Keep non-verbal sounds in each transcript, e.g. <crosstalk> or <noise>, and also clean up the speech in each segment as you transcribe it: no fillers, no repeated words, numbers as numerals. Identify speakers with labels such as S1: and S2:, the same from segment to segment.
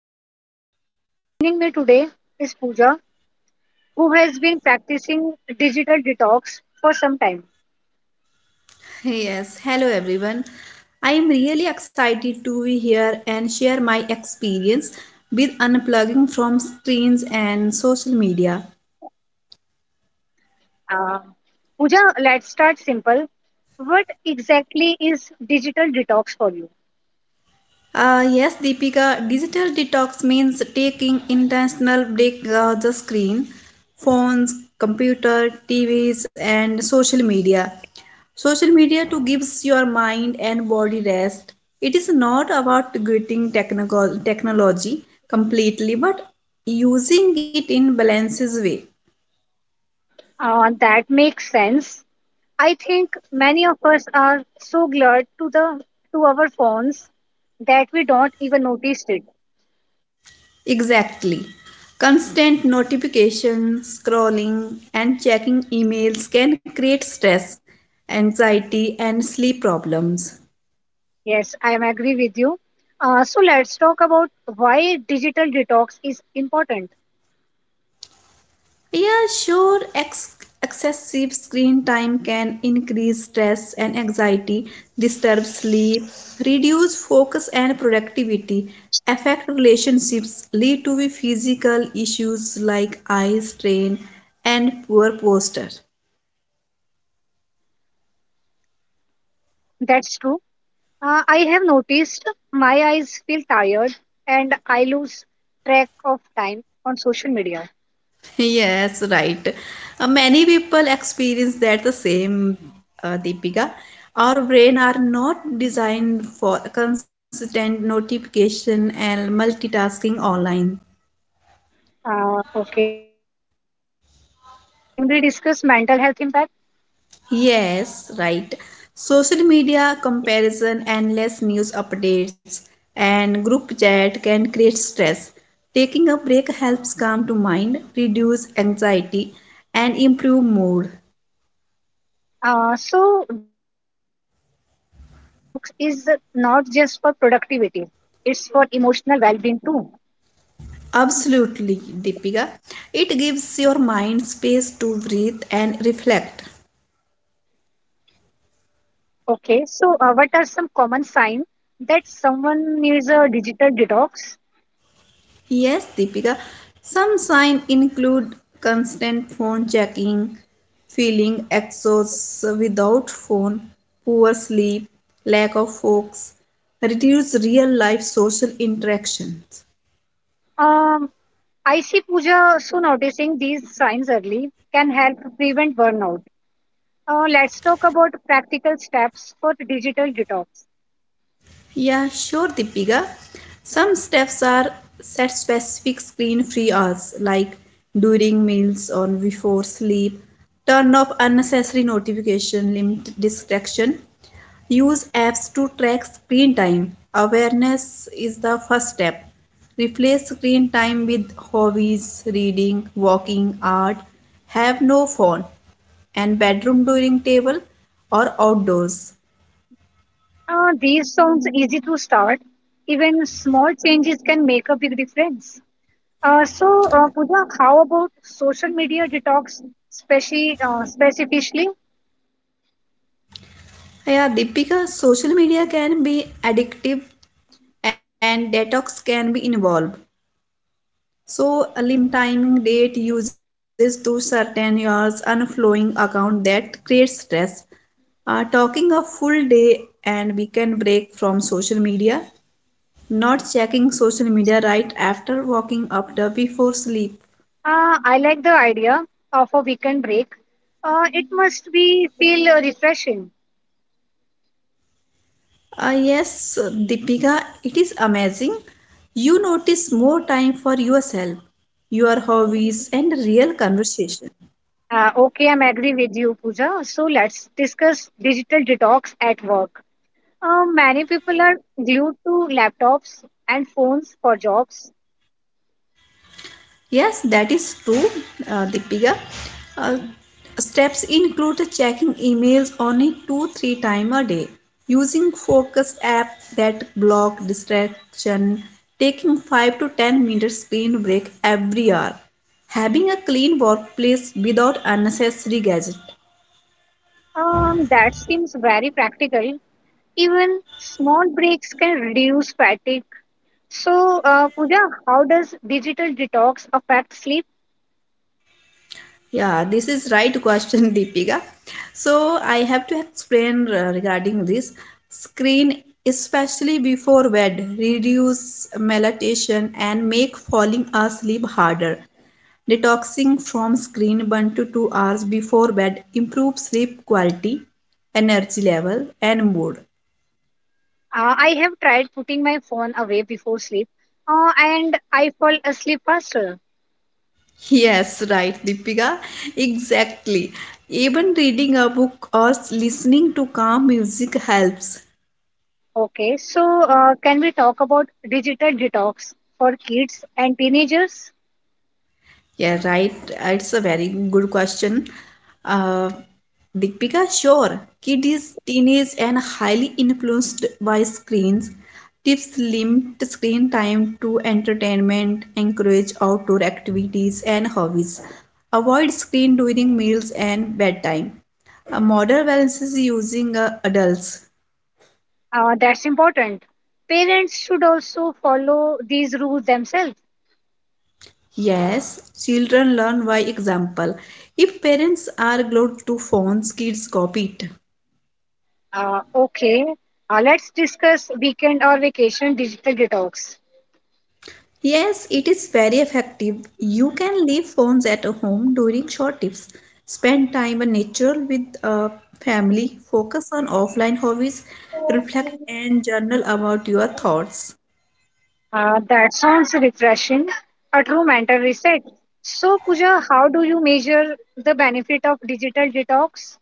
S1: life. Joining me today is Pooja, who has been practicing digital detox for some time.
S2: Yes, hello everyone. I am really excited to be here and share my experience with unplugging from screens and social media.
S1: Pooja, let's start simple. What exactly is digital detox for you?
S2: Yes, Deepika, digital detox means taking intentional break the screen, phones, computer, TVs, and social media. Social media to gives your mind and body rest. It is not about quitting technical technology completely, but using it in balances way.
S1: That makes sense. I think many of us are so glued to the to our phones that we don't even notice it.
S2: Exactly. Constant notification, scrolling, and checking emails can create stress, anxiety, and sleep problems.
S1: Yes, I am agree with you. So let's talk about why digital detox is important.
S2: Yeah, sure, ex- Excessive screen time can increase stress and anxiety, disturb sleep, reduce focus and productivity, affect relationships, lead to the physical issues like eye strain and poor posture.
S1: That's true. I have noticed my eyes feel tired and I lose track of time on social media.
S2: <laughs> Yes, right. Many people experience that the same, Deepika. Our brain are not designed for constant notification and multitasking online.
S1: Okay, so Pooja, can we discuss mental health impact?
S2: Yes, right. Social media comparison, endless news updates, and group chat can create stress. Taking a break helps calm to mind, reduce anxiety, and improve mood.
S1: So digital detox is not just for productivity, it's for emotional well-being too.
S2: Absolutely, Deepika. It gives your mind space to breathe and reflect.
S1: Okay, so what are some common signs that someone needs a digital detox?
S2: Yes, Deepika. Some signs include constant phone checking, feeling exhausted without phone, poor sleep, lack of focus, reduced real life social interactions.
S1: Um, I see, Pooja. So noticing these signs early can help prevent burnout. Let's talk about practical steps for digital detox.
S2: Yeah, sure, Deepika. Some steps are set specific screen free hours, like during meals or before sleep. Turn off unnecessary notification, limit distraction. Use apps to track screen time. Awareness is the first step. Replace screen time with hobbies, reading, walking, art. Have no phone and bedroom dining table or outdoors.
S1: These sounds easy to start. Even small changes can make a big difference. So, Pooja, how about social media detox, specifically?
S2: Yeah, Deepika, social media can be addictive and detox can be involved. So, a limit timing date uses to certain years unflowing account that creates stress. Talking a full day and weekend break from social media, not checking social media right after waking up the before sleep.
S1: I like the idea of a weekend break. It must be feel refreshing.
S2: Yes, Deepika, it is amazing. You notice more time for yourself, your hobbies, and real conversation.
S1: Okay, I'm agree with you, Pooja. So let's discuss digital detox at work. Many people are glued to laptops and phones for jobs.
S2: Yes, that is true, Deepika. Uh, steps include checking emails only two, three times a day, using focus app that block distraction, taking 5 to 10 minute screen break every hour, having a clean workplace without unnecessary gadget.
S1: That seems very practical. Even small breaks can reduce fatigue. So, Pooja, how does digital detox affect sleep?
S2: Yeah, this is right question, <laughs> Deepika. So I have to explain regarding this screen, especially before bed, reduce melatonin and make falling asleep harder. Detoxing from screen 1 to 2 hours before bed improves sleep quality, energy level, and mood.
S1: I have tried putting my phone away before sleep, and I fall asleep faster.
S2: Yes, right, Deepika. Exactly. Even reading a book or listening to calm music helps.
S1: Okay, so can we talk about digital detox for kids and teenagers?
S2: Yeah, right. It's a very good question. Uh, Deepika, sure. Kids, teenage, and highly influenced by screens. Tips limit screen time to entertainment, encourage outdoor activities and hobbies. Avoid screen during meals and bedtime. A model balance is using adults.
S1: That's important. Parents should also follow these rules themselves.
S2: Yes, children learn by example. If parents are glued to phones, kids copy it.
S1: Okay, let's discuss weekend or vacation digital detox.
S2: Yes, it is very effective. You can leave phones at home during short tips. Spend time in nature with family. Focus on offline hobbies. Reflect and journal about your thoughts.
S1: That sounds refreshing. A true mental reset. So, Pooja, how do you measure the benefit of digital detox?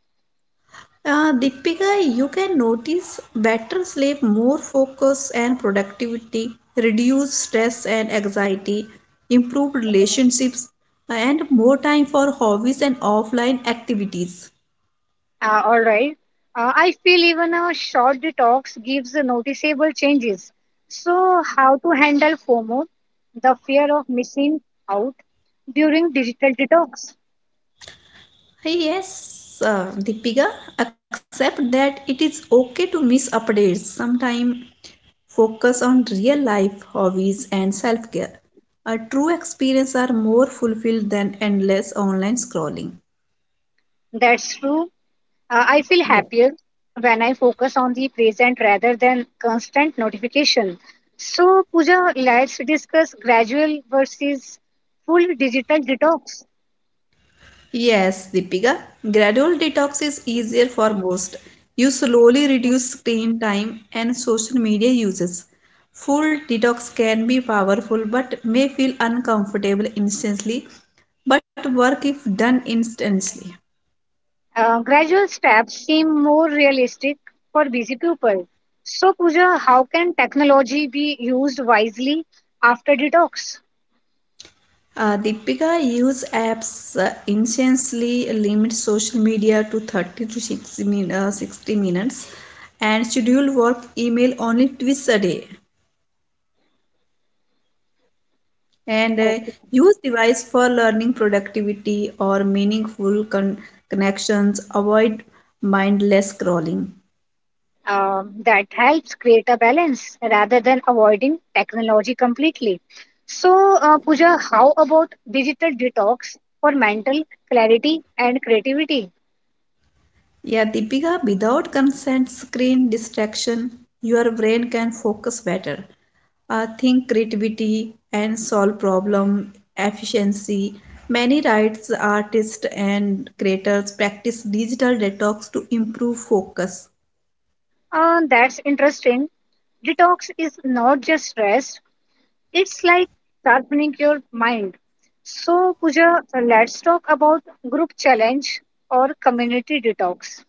S2: Deepika, you can notice better sleep, more focus and productivity, reduce stress and anxiety, improved relationships, and more time for hobbies and offline activities.
S1: All right. I feel even a short detox gives noticeable changes. So, how to handle FOMO, the fear of missing out during digital detox?
S2: Yes, Deepika, accept that it is okay to miss updates. Sometimes focus on real life hobbies and self care. A true experience are more fulfilled than endless online scrolling.
S1: That's true. I feel
S2: Yeah.
S1: happier when I focus on the present rather than constant notification. So, Pooja, let's discuss gradual versus full digital detox.
S2: Yes, Deepika, gradual detox is easier for most. You slowly reduce screen time and social media uses. Full detox can be powerful but may feel uncomfortable instantly, but work if done instantly.
S1: Gradual steps seem more realistic for busy people. So, Pooja, how can technology be used wisely after detox?
S2: Deepika, use apps instantly, limit social media to 30 to 60 minutes, and schedule work email only twice a day. And use device for learning productivity or meaningful connections, avoid mindless scrolling.
S1: That helps create a balance rather than avoiding technology completely. So, Pooja, how about digital detox for mental clarity and creativity?
S2: Yeah, Deepika, without consent screen distraction your brain can focus better, think creativity and solve problem efficiency. Many writers artists and creators practice digital detox to improve focus.
S1: That's interesting. Detox is not just rest, it's like sharpening your mind. So, Pooja, let's talk about group challenge or community detox.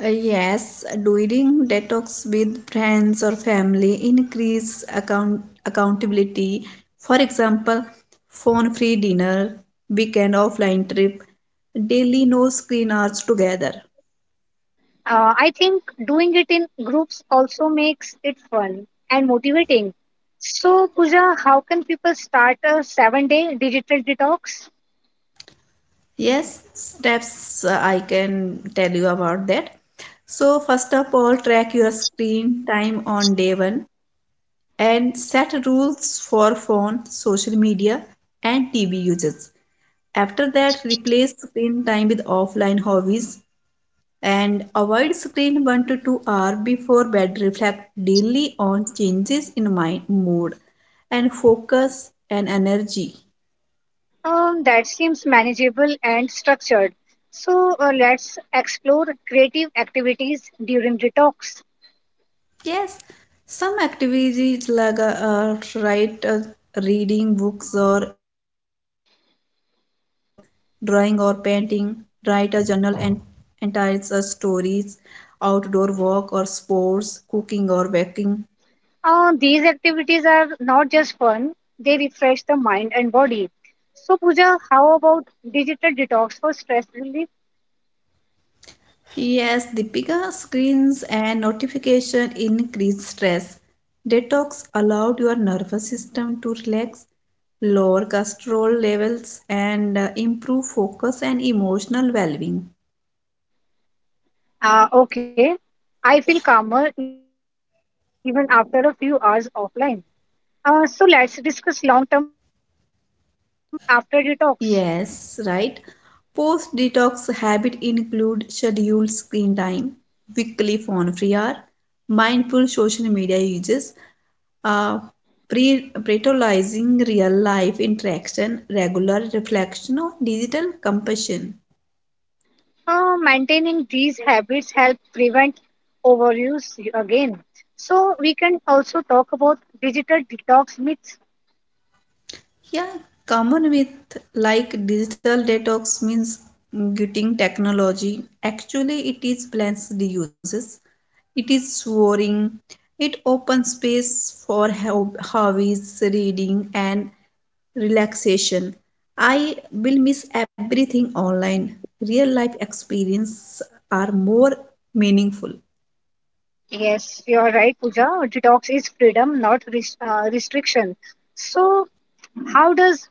S2: Yes, doing detox with friends or family, increase accountability. For example, phone-free dinner, weekend offline trip, daily no screen hours together.
S1: I think doing it in groups also makes it fun and motivating. So, Pooja, how can people start a 7-day digital detox?
S2: Yes, steps I can tell you about that. So first of all, track your screen time on day one and set rules for phone, social media, and TV uses. After that, replace screen time with offline hobbies and avoid screen 1 to 2 hours before bed. Reflect daily on changes in mind, mood and focus and energy.
S1: That seems manageable and structured. So, let's explore creative activities during detox.
S2: Yes, some activities like write reading books or magazines, drawing or painting, write a journal and entire stories, outdoor walk or sports, cooking or baking.
S1: These activities are not just fun, they refresh the mind and body. So, Pooja, how about digital detox for stress relief?
S2: Yes, the bigger screens and notification increase stress. Detox allowed your nervous system to relax, lower cortisol levels, and improve focus and emotional well-being.
S1: Okay, I feel calmer even after a few hours offline. So let's discuss long-term habits after detox.
S2: Yes, right. Post detox habit include scheduled screen time, weekly phone free hour, mindful social media uses, uh, prioritizing real life interaction, regular reflection on digital compassion.
S1: Maintaining these habits help prevent overuse again. So we can also talk about digital detox myths.
S2: Yeah, common with like digital detox means getting technology. Actually, it is plans uses. It is soaring. It opens space for hobbies, reading, and relaxation. I will miss everything online. Real life experiences are more meaningful.
S1: Yes, you're right, Pooja. Detox is freedom, not restriction. So how does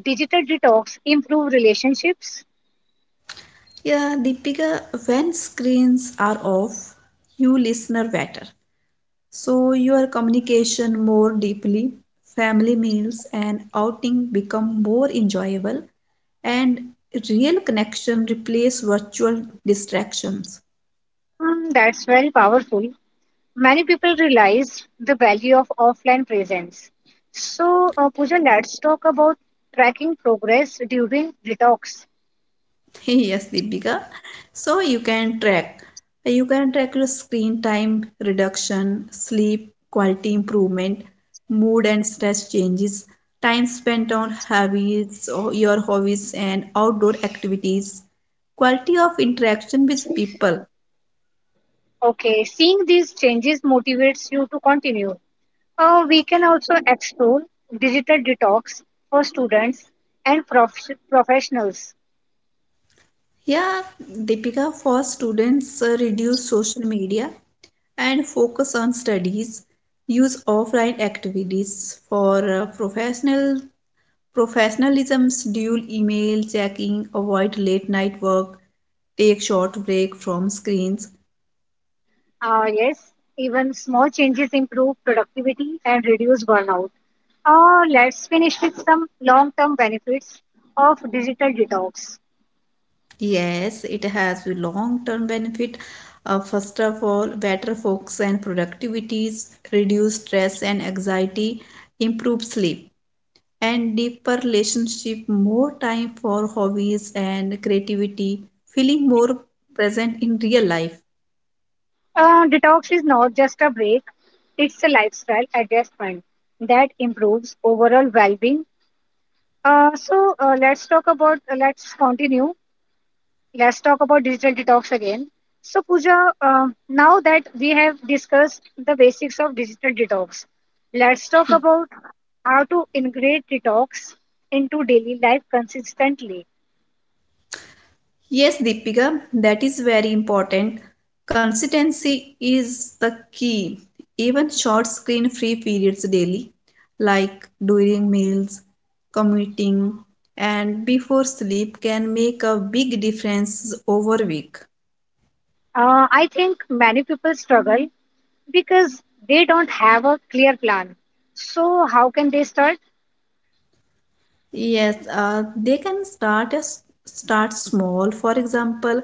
S1: digital detox improve relationships?
S2: Yeah, Deepika, when screens are off, you listener better. So your communication more deeply, family meals and outing become more enjoyable, and real connection replace virtual distractions.
S1: Hmm, that's very powerful. Many people realize the value of offline presence. So, Pooja, let's talk about tracking progress during detox.
S2: <laughs> Yes, Deepika. So you can track. You can track your screen time reduction, sleep quality improvement, mood and stress changes, time spent on hobbies or your hobbies and outdoor activities, quality of interaction with people.
S1: Okay, seeing these changes motivates you to continue. We can also explore digital detox for students and professionals.
S2: Yeah, Deepika, for students, reduce social media and focus on studies. Use offline activities for professionalisms, dual email checking, avoid late night work, take short break from screens.
S1: Yes, even small changes improve productivity and reduce burnout. Let's finish with some long term benefits of digital detox.
S2: Yes, it has a long-term benefit. First of all, better focus and productivities, reduce stress and anxiety, improve sleep and deeper relationship, more time for hobbies and creativity, feeling more present in real life.
S1: Detox is not just a break, it's a lifestyle adjustment that improves overall well-being. Let's continue. Let's talk about digital detox again. So Pooja, now that we have discussed the basics of digital detox, let's talk
S2: Ye-
S1: about how to integrate detox into daily life consistently.
S2: Yes, Deepika, that is very important. Consistency is the key. Even short screen free periods daily, like during meals, commuting, and before sleep, can make a big difference over week.
S1: I think many people struggle because they don't have a clear plan. So, how can they start?
S2: Yes, they can start as start small. For example,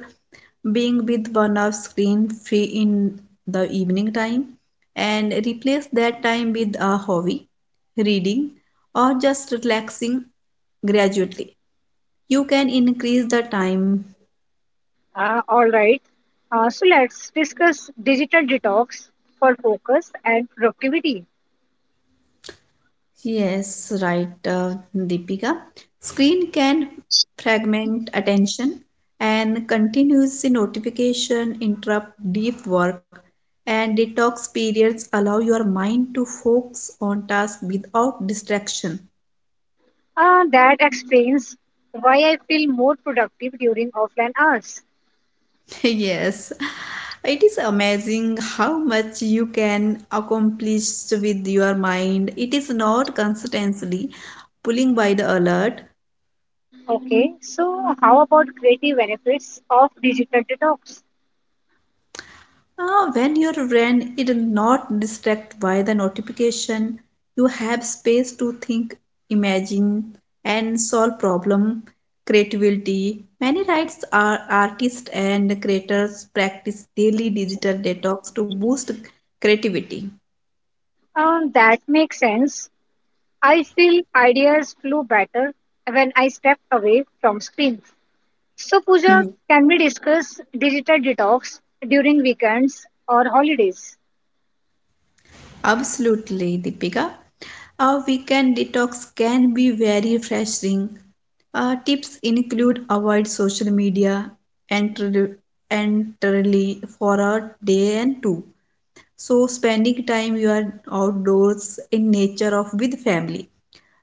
S2: being with one of screen free in the evening time and replace that time with a hobby, reading, or just relaxing gradually. You can increase the time.
S1: All right. So, let's discuss digital detox for focus and productivity.
S2: Yes, right, Deepika. Screen can fragment attention and continuous notification interrupt deep work and detox periods allow your mind to focus on tasks without distraction.
S1: That explains why I feel more productive during offline hours.
S2: <laughs> Yes, it is amazing how much you can accomplish with your mind. It is not constantly pulling by the alert.
S1: Okay, so how about creative benefits of digital detox?
S2: When you run, it is not distracted by the notification. You have space to think, imagine, and solve problem. Creativity. Many writers are artists and creators practice daily digital detox to boost creativity.
S1: That makes sense. I feel ideas flow better when I step away from screens. So, Pooja,
S2: <laughs>
S1: can we discuss digital detox during weekends or holidays?
S2: Absolutely, Deepika. A weekend detox can be very refreshing. Tips include avoid social media entirely entirely for a day and two. So spending time you are outdoors in nature of with family.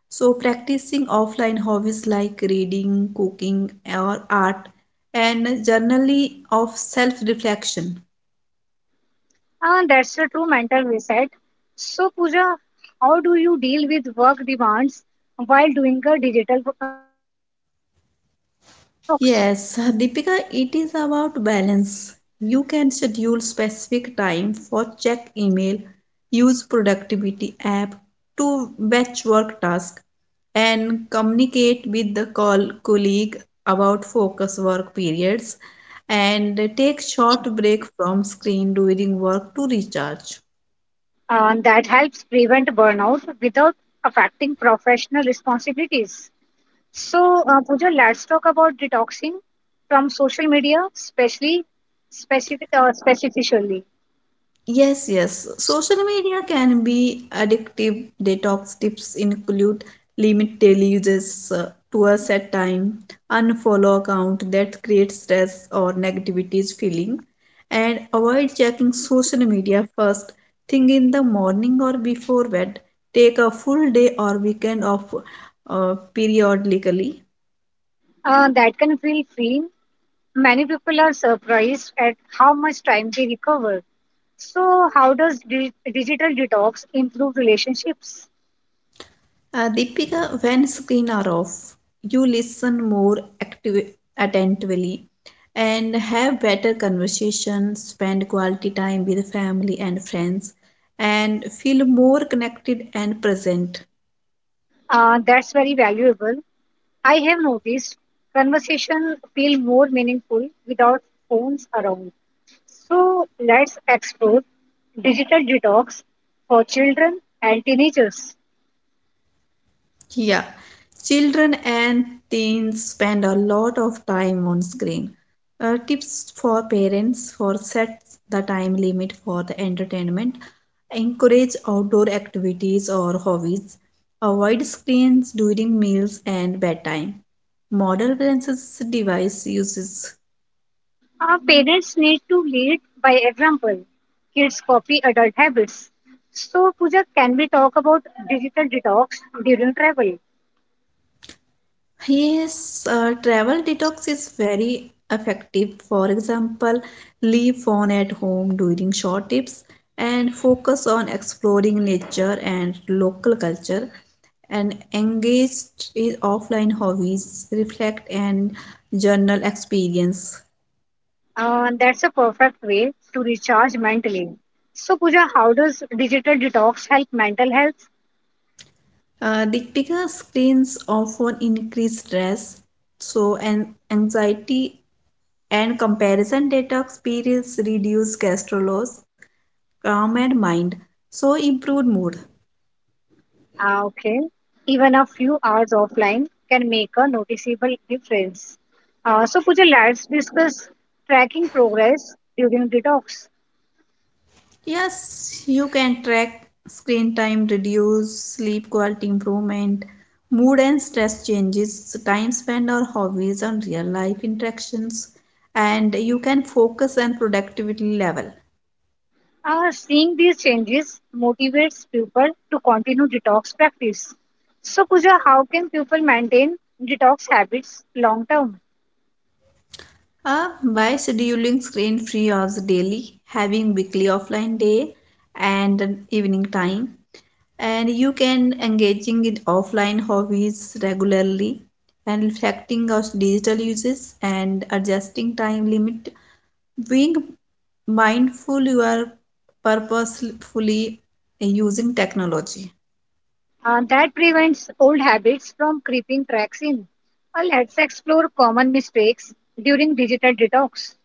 S2: So practicing offline hobbies like reading, cooking or art and journaling of self-reflection.
S1: Ah, that's a true mental reset. So, Pooja, how do you deal with work demands while doing a digital detox?
S2: Yes, Deepika, it is about balance. You can schedule specific time for check email, use productivity app to batch work task, and communicate with the call colleague about focus work periods and take short break from screen during work to recharge.
S1: That helps prevent burnout without affecting professional responsibilities. So, Pooja, let's talk about detoxing from social media, specifically.
S2: Yes. Social media can be addictive. Detox tips include limit daily uses to a set time, unfollow account that creates stress or negativities feeling, and avoid checking social media first thing in the morning or before bed. Take a full day or weekend off periodically.
S1: That can feel freeing. Many people are surprised at how much time they recover. So, how does digital detox improve relationships?
S2: Deepika, when screen are off, you listen more active, attentively and have better conversations, spend quality time with family and friends, and feel more connected and present.
S1: That's very valuable. I have noticed conversation feel more meaningful without phones around. So, let's explore digital detox for children and teenagers.
S2: Yeah, children and teens spend a lot of time on screen. Tips for parents for set the time limit for the entertainment. Encourage outdoor activities or hobbies. Avoid screens during meals and bedtime. Modern balances device uses.
S1: Our parents need to lead by example. Kids copy adult habits. So, Pooja, can we talk about digital detox during travel?
S2: Yes, travel detox is very effective. For example, leave phone at home during short trips and focus on exploring nature and local culture and engage in offline hobbies, reflect and journal experience.
S1: That's a perfect way to recharge mentally. So, Pooja, how does digital detox help mental health?
S2: The bigger screens often increase stress, so an anxiety and comparison detox periods reduce cholesterol loss, calm and mind, so improved mood.
S1: Ah, okay. Even a few hours offline can make a noticeable difference. So, Pooja, let's discuss tracking progress during detox.
S2: Yes, you can track screen time, reduce sleep quality improvement, mood and stress changes, time spent on hobbies, on real life interactions, and you can focus and productivity level.
S1: Seeing these changes motivates people to continue detox practice. So, Pooja, how can people maintain detox habits long term?
S2: By scheduling screen free hours daily, having weekly offline day and an evening time, and you can engaging in offline hobbies regularly and reflecting on digital uses and adjusting time limit, being mindful you are purposefully using technology.
S1: That prevents old habits from creeping cracks in. Let's explore common mistakes during digital detox.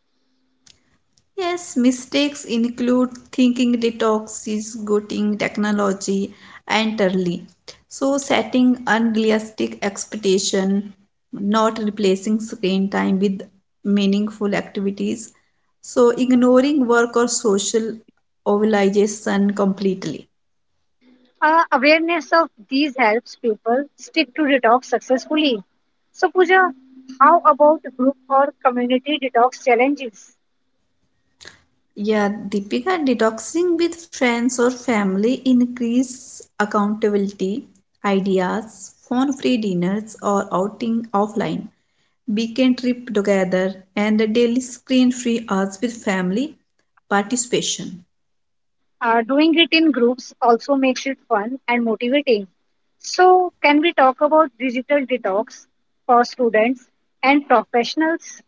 S2: Yes, mistakes include thinking detox is getting technology entirely. So setting unrealistic expectation, not replacing screen time with meaningful activities. So ignoring work or social obligation completely.
S1: Awareness of these helps people stick to detox successfully. So, Pooja, how about group or community detox challenges?
S2: Yeah, Deepika, detoxing with friends or family increase accountability, ideas, phone-free dinners or outing offline weekend trip together, and a daily screen free hours with family participation.
S1: Doing it in groups also makes it fun and motivating. So, can we talk about digital detox for students and professionals?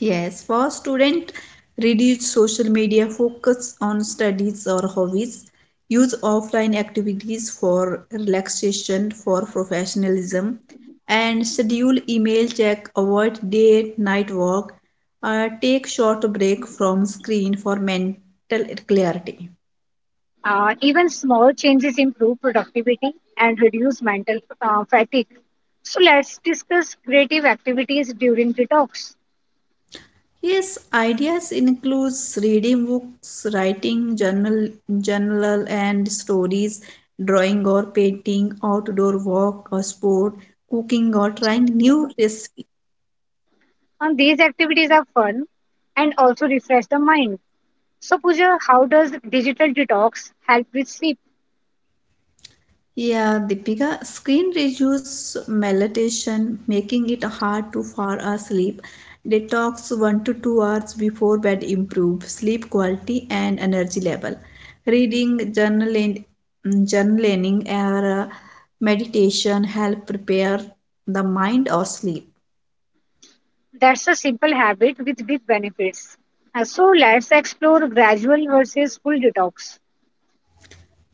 S2: Yes, for student, reduce social media, focus on studies or hobbies, use offline activities for relaxation, for professionalism, and schedule email check, avoid day night work, take short break from screen for mental clarity.
S1: Even small changes improve productivity and reduce mental fatigue. So, let's discuss creative activities during detox.
S2: Yes, ideas includes reading books, writing journal, journal and stories, drawing or painting, outdoor walk or sport, cooking or trying new recipes.
S1: And these activities are fun and also refresh the mind. So, Pooja, how does digital detox help with sleep?
S2: Yeah, Deepika, screen reduce melatonin, making it hard to fall asleep. Detox 1 to 2 hours before bed improve sleep quality and energy level. Reading, journaling or meditation help prepare the mind or sleep.
S1: That's a simple habit with big benefits. So let's explore gradual versus full detox.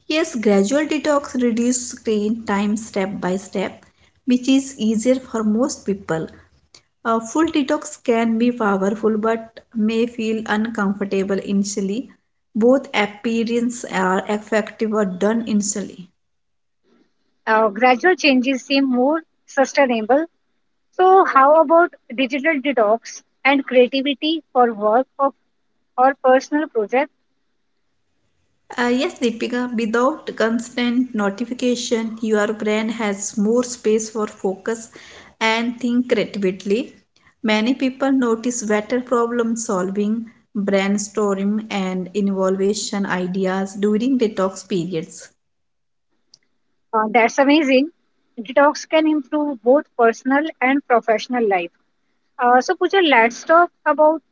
S2: Yes, gradual detox reduce screen time step by step, which is easier for most people. A full detox can be powerful but may feel uncomfortable initially. Both appearances are effective or done initially.
S1: Gradual changes seem more sustainable. So how about digital detox and creativity for work of, or personal project?
S2: Yes, Deepika, without constant notification, your brain has more space for focus and think creatively. Many people notice better problem solving, brainstorming, and innovation ideas during detox periods.
S1: That's amazing. Detox can improve both personal and professional life. So Pooja, let's talk about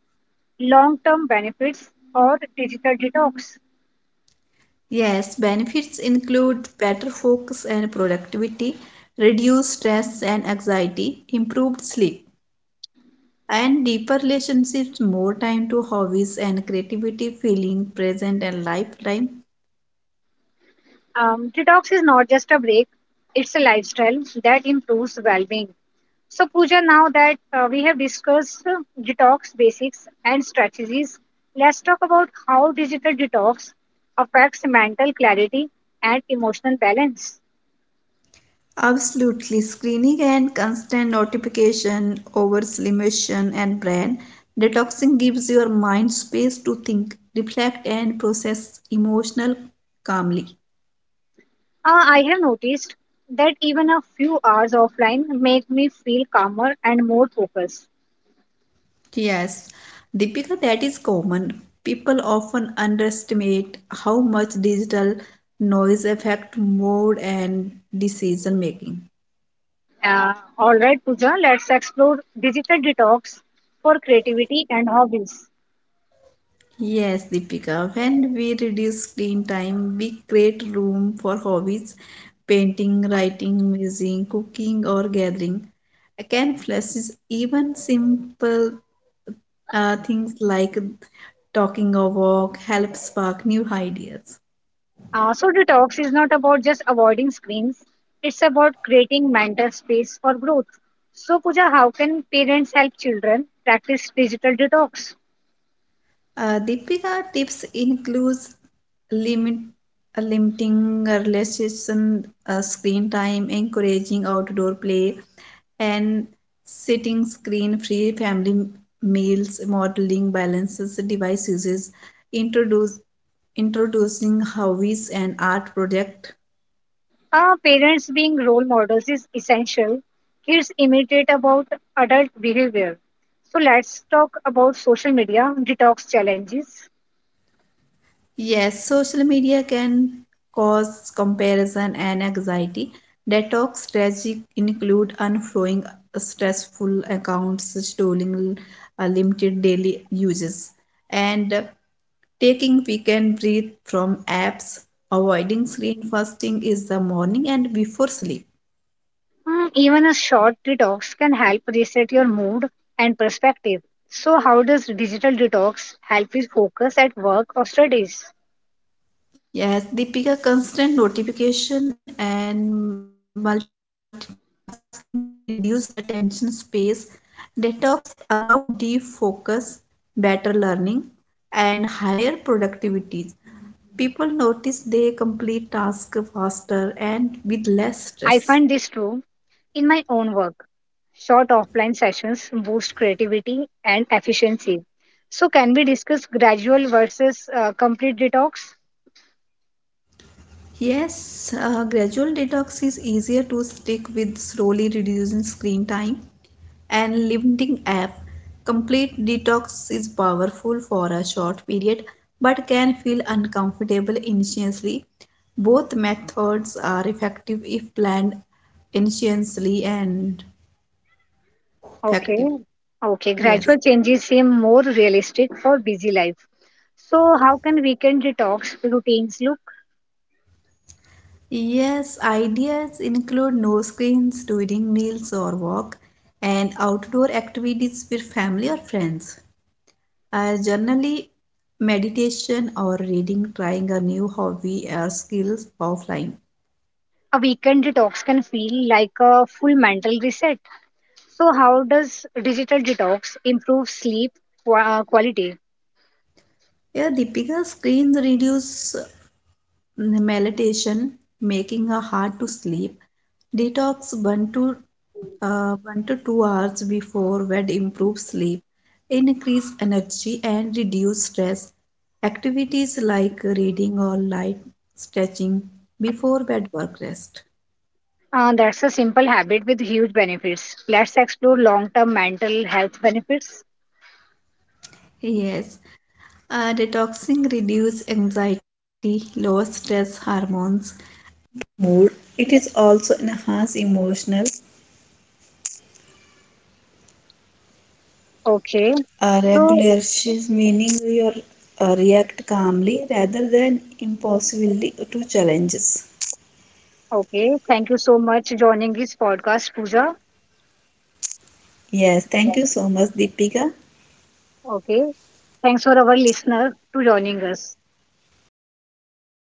S1: long-term benefits or digital detox.
S2: Yes, benefits include better focus and productivity, reduced stress and anxiety, improved sleep, and deeper relationships, more time to hobbies and creativity, feeling present and lifetime.
S1: Detox is not just a break, it's a lifestyle that improves well being. So, Pooja, now that we have discussed detox basics and strategies, let's talk about how digital detox affects mental clarity and emotional balance.
S2: Absolutely, screening and constant notification, overstimulation, and brain detoxing gives your mind space to think, reflect, and process emotional calmly.
S1: Uh, I have noticed that even a few hours offline make me feel calmer and more focused.
S2: Yes, Deepika, that is common. People often underestimate how much digital noise affect mood and decision making.
S1: All right, Pooja, let's explore digital detox for creativity and hobbies.
S2: Yes, Deepika, when we reduce screen time, we create room for hobbies, painting, writing, music, cooking, or gathering. Again, flashes even simple things like talking or walk help spark new ideas.
S1: So, detox is not about just avoiding screens, it's about creating mental space for growth. So, Pooja, how can parents help children practice digital detox?
S2: Deepika tips includes limit limiting relaxation screen time, encouraging outdoor play, and setting screen-free family meals, modeling balances device uses, introduce introducing hobbies and art project.
S1: Parents being role models is essential. Kids imitate about adult behavior. So, let's talk about social media detox challenges.
S2: Yes, social media can cause comparison and anxiety. Detox strategies include unfollowing stressful accounts, stalling limited daily uses, and taking weekend break from apps. Avoiding screen first thing is the morning and before sleep.
S1: Mm, even a short detox can help reset your mood and perspective. So, how does digital detox help with focus at work or studies?
S2: Yes, Deepika, constant notification and multitasking reduce attention space. Detox allow deep focus, better learning, and higher productivity. People notice they complete tasks faster and with less
S1: I
S2: stress.
S1: find this true in my own work. Short offline sessions boost creativity and efficiency. So, can we discuss gradual versus complete detox?
S2: Yes, gradual detox is easier to stick with slowly reducing screen time and limiting app. Complete detox is powerful for a short period but can feel uncomfortable initially. Both methods are effective if planned initially and
S1: Okay.
S2: effective.
S1: Okay.
S2: Yes.
S1: Gradual changes seem more realistic for busy life. So, how can weekend detox routines look?
S2: Yes, ideas include no screens during meals or walk and outdoor activities with family or friends. Generally, meditation or reading, trying a new hobby or skills offline.
S1: A weekend detox can feel like a full mental reset. So, how does digital detox improve sleep quality?
S2: Yeah, the bigger screens reduce meditation, making a hard to sleep. Detox 1 to 2 hours before bed improves sleep, increase energy and reduce stress. Activities like reading or light stretching before bed work rest.
S1: That's a simple habit with huge benefits. Let's explore long-term mental health benefits.
S2: Yes, detoxing reduces anxiety, lowers stress hormones,
S1: Okay, so okay, thank you so much joining this podcast, Pooja. Okay, thanks for our listener to joining us.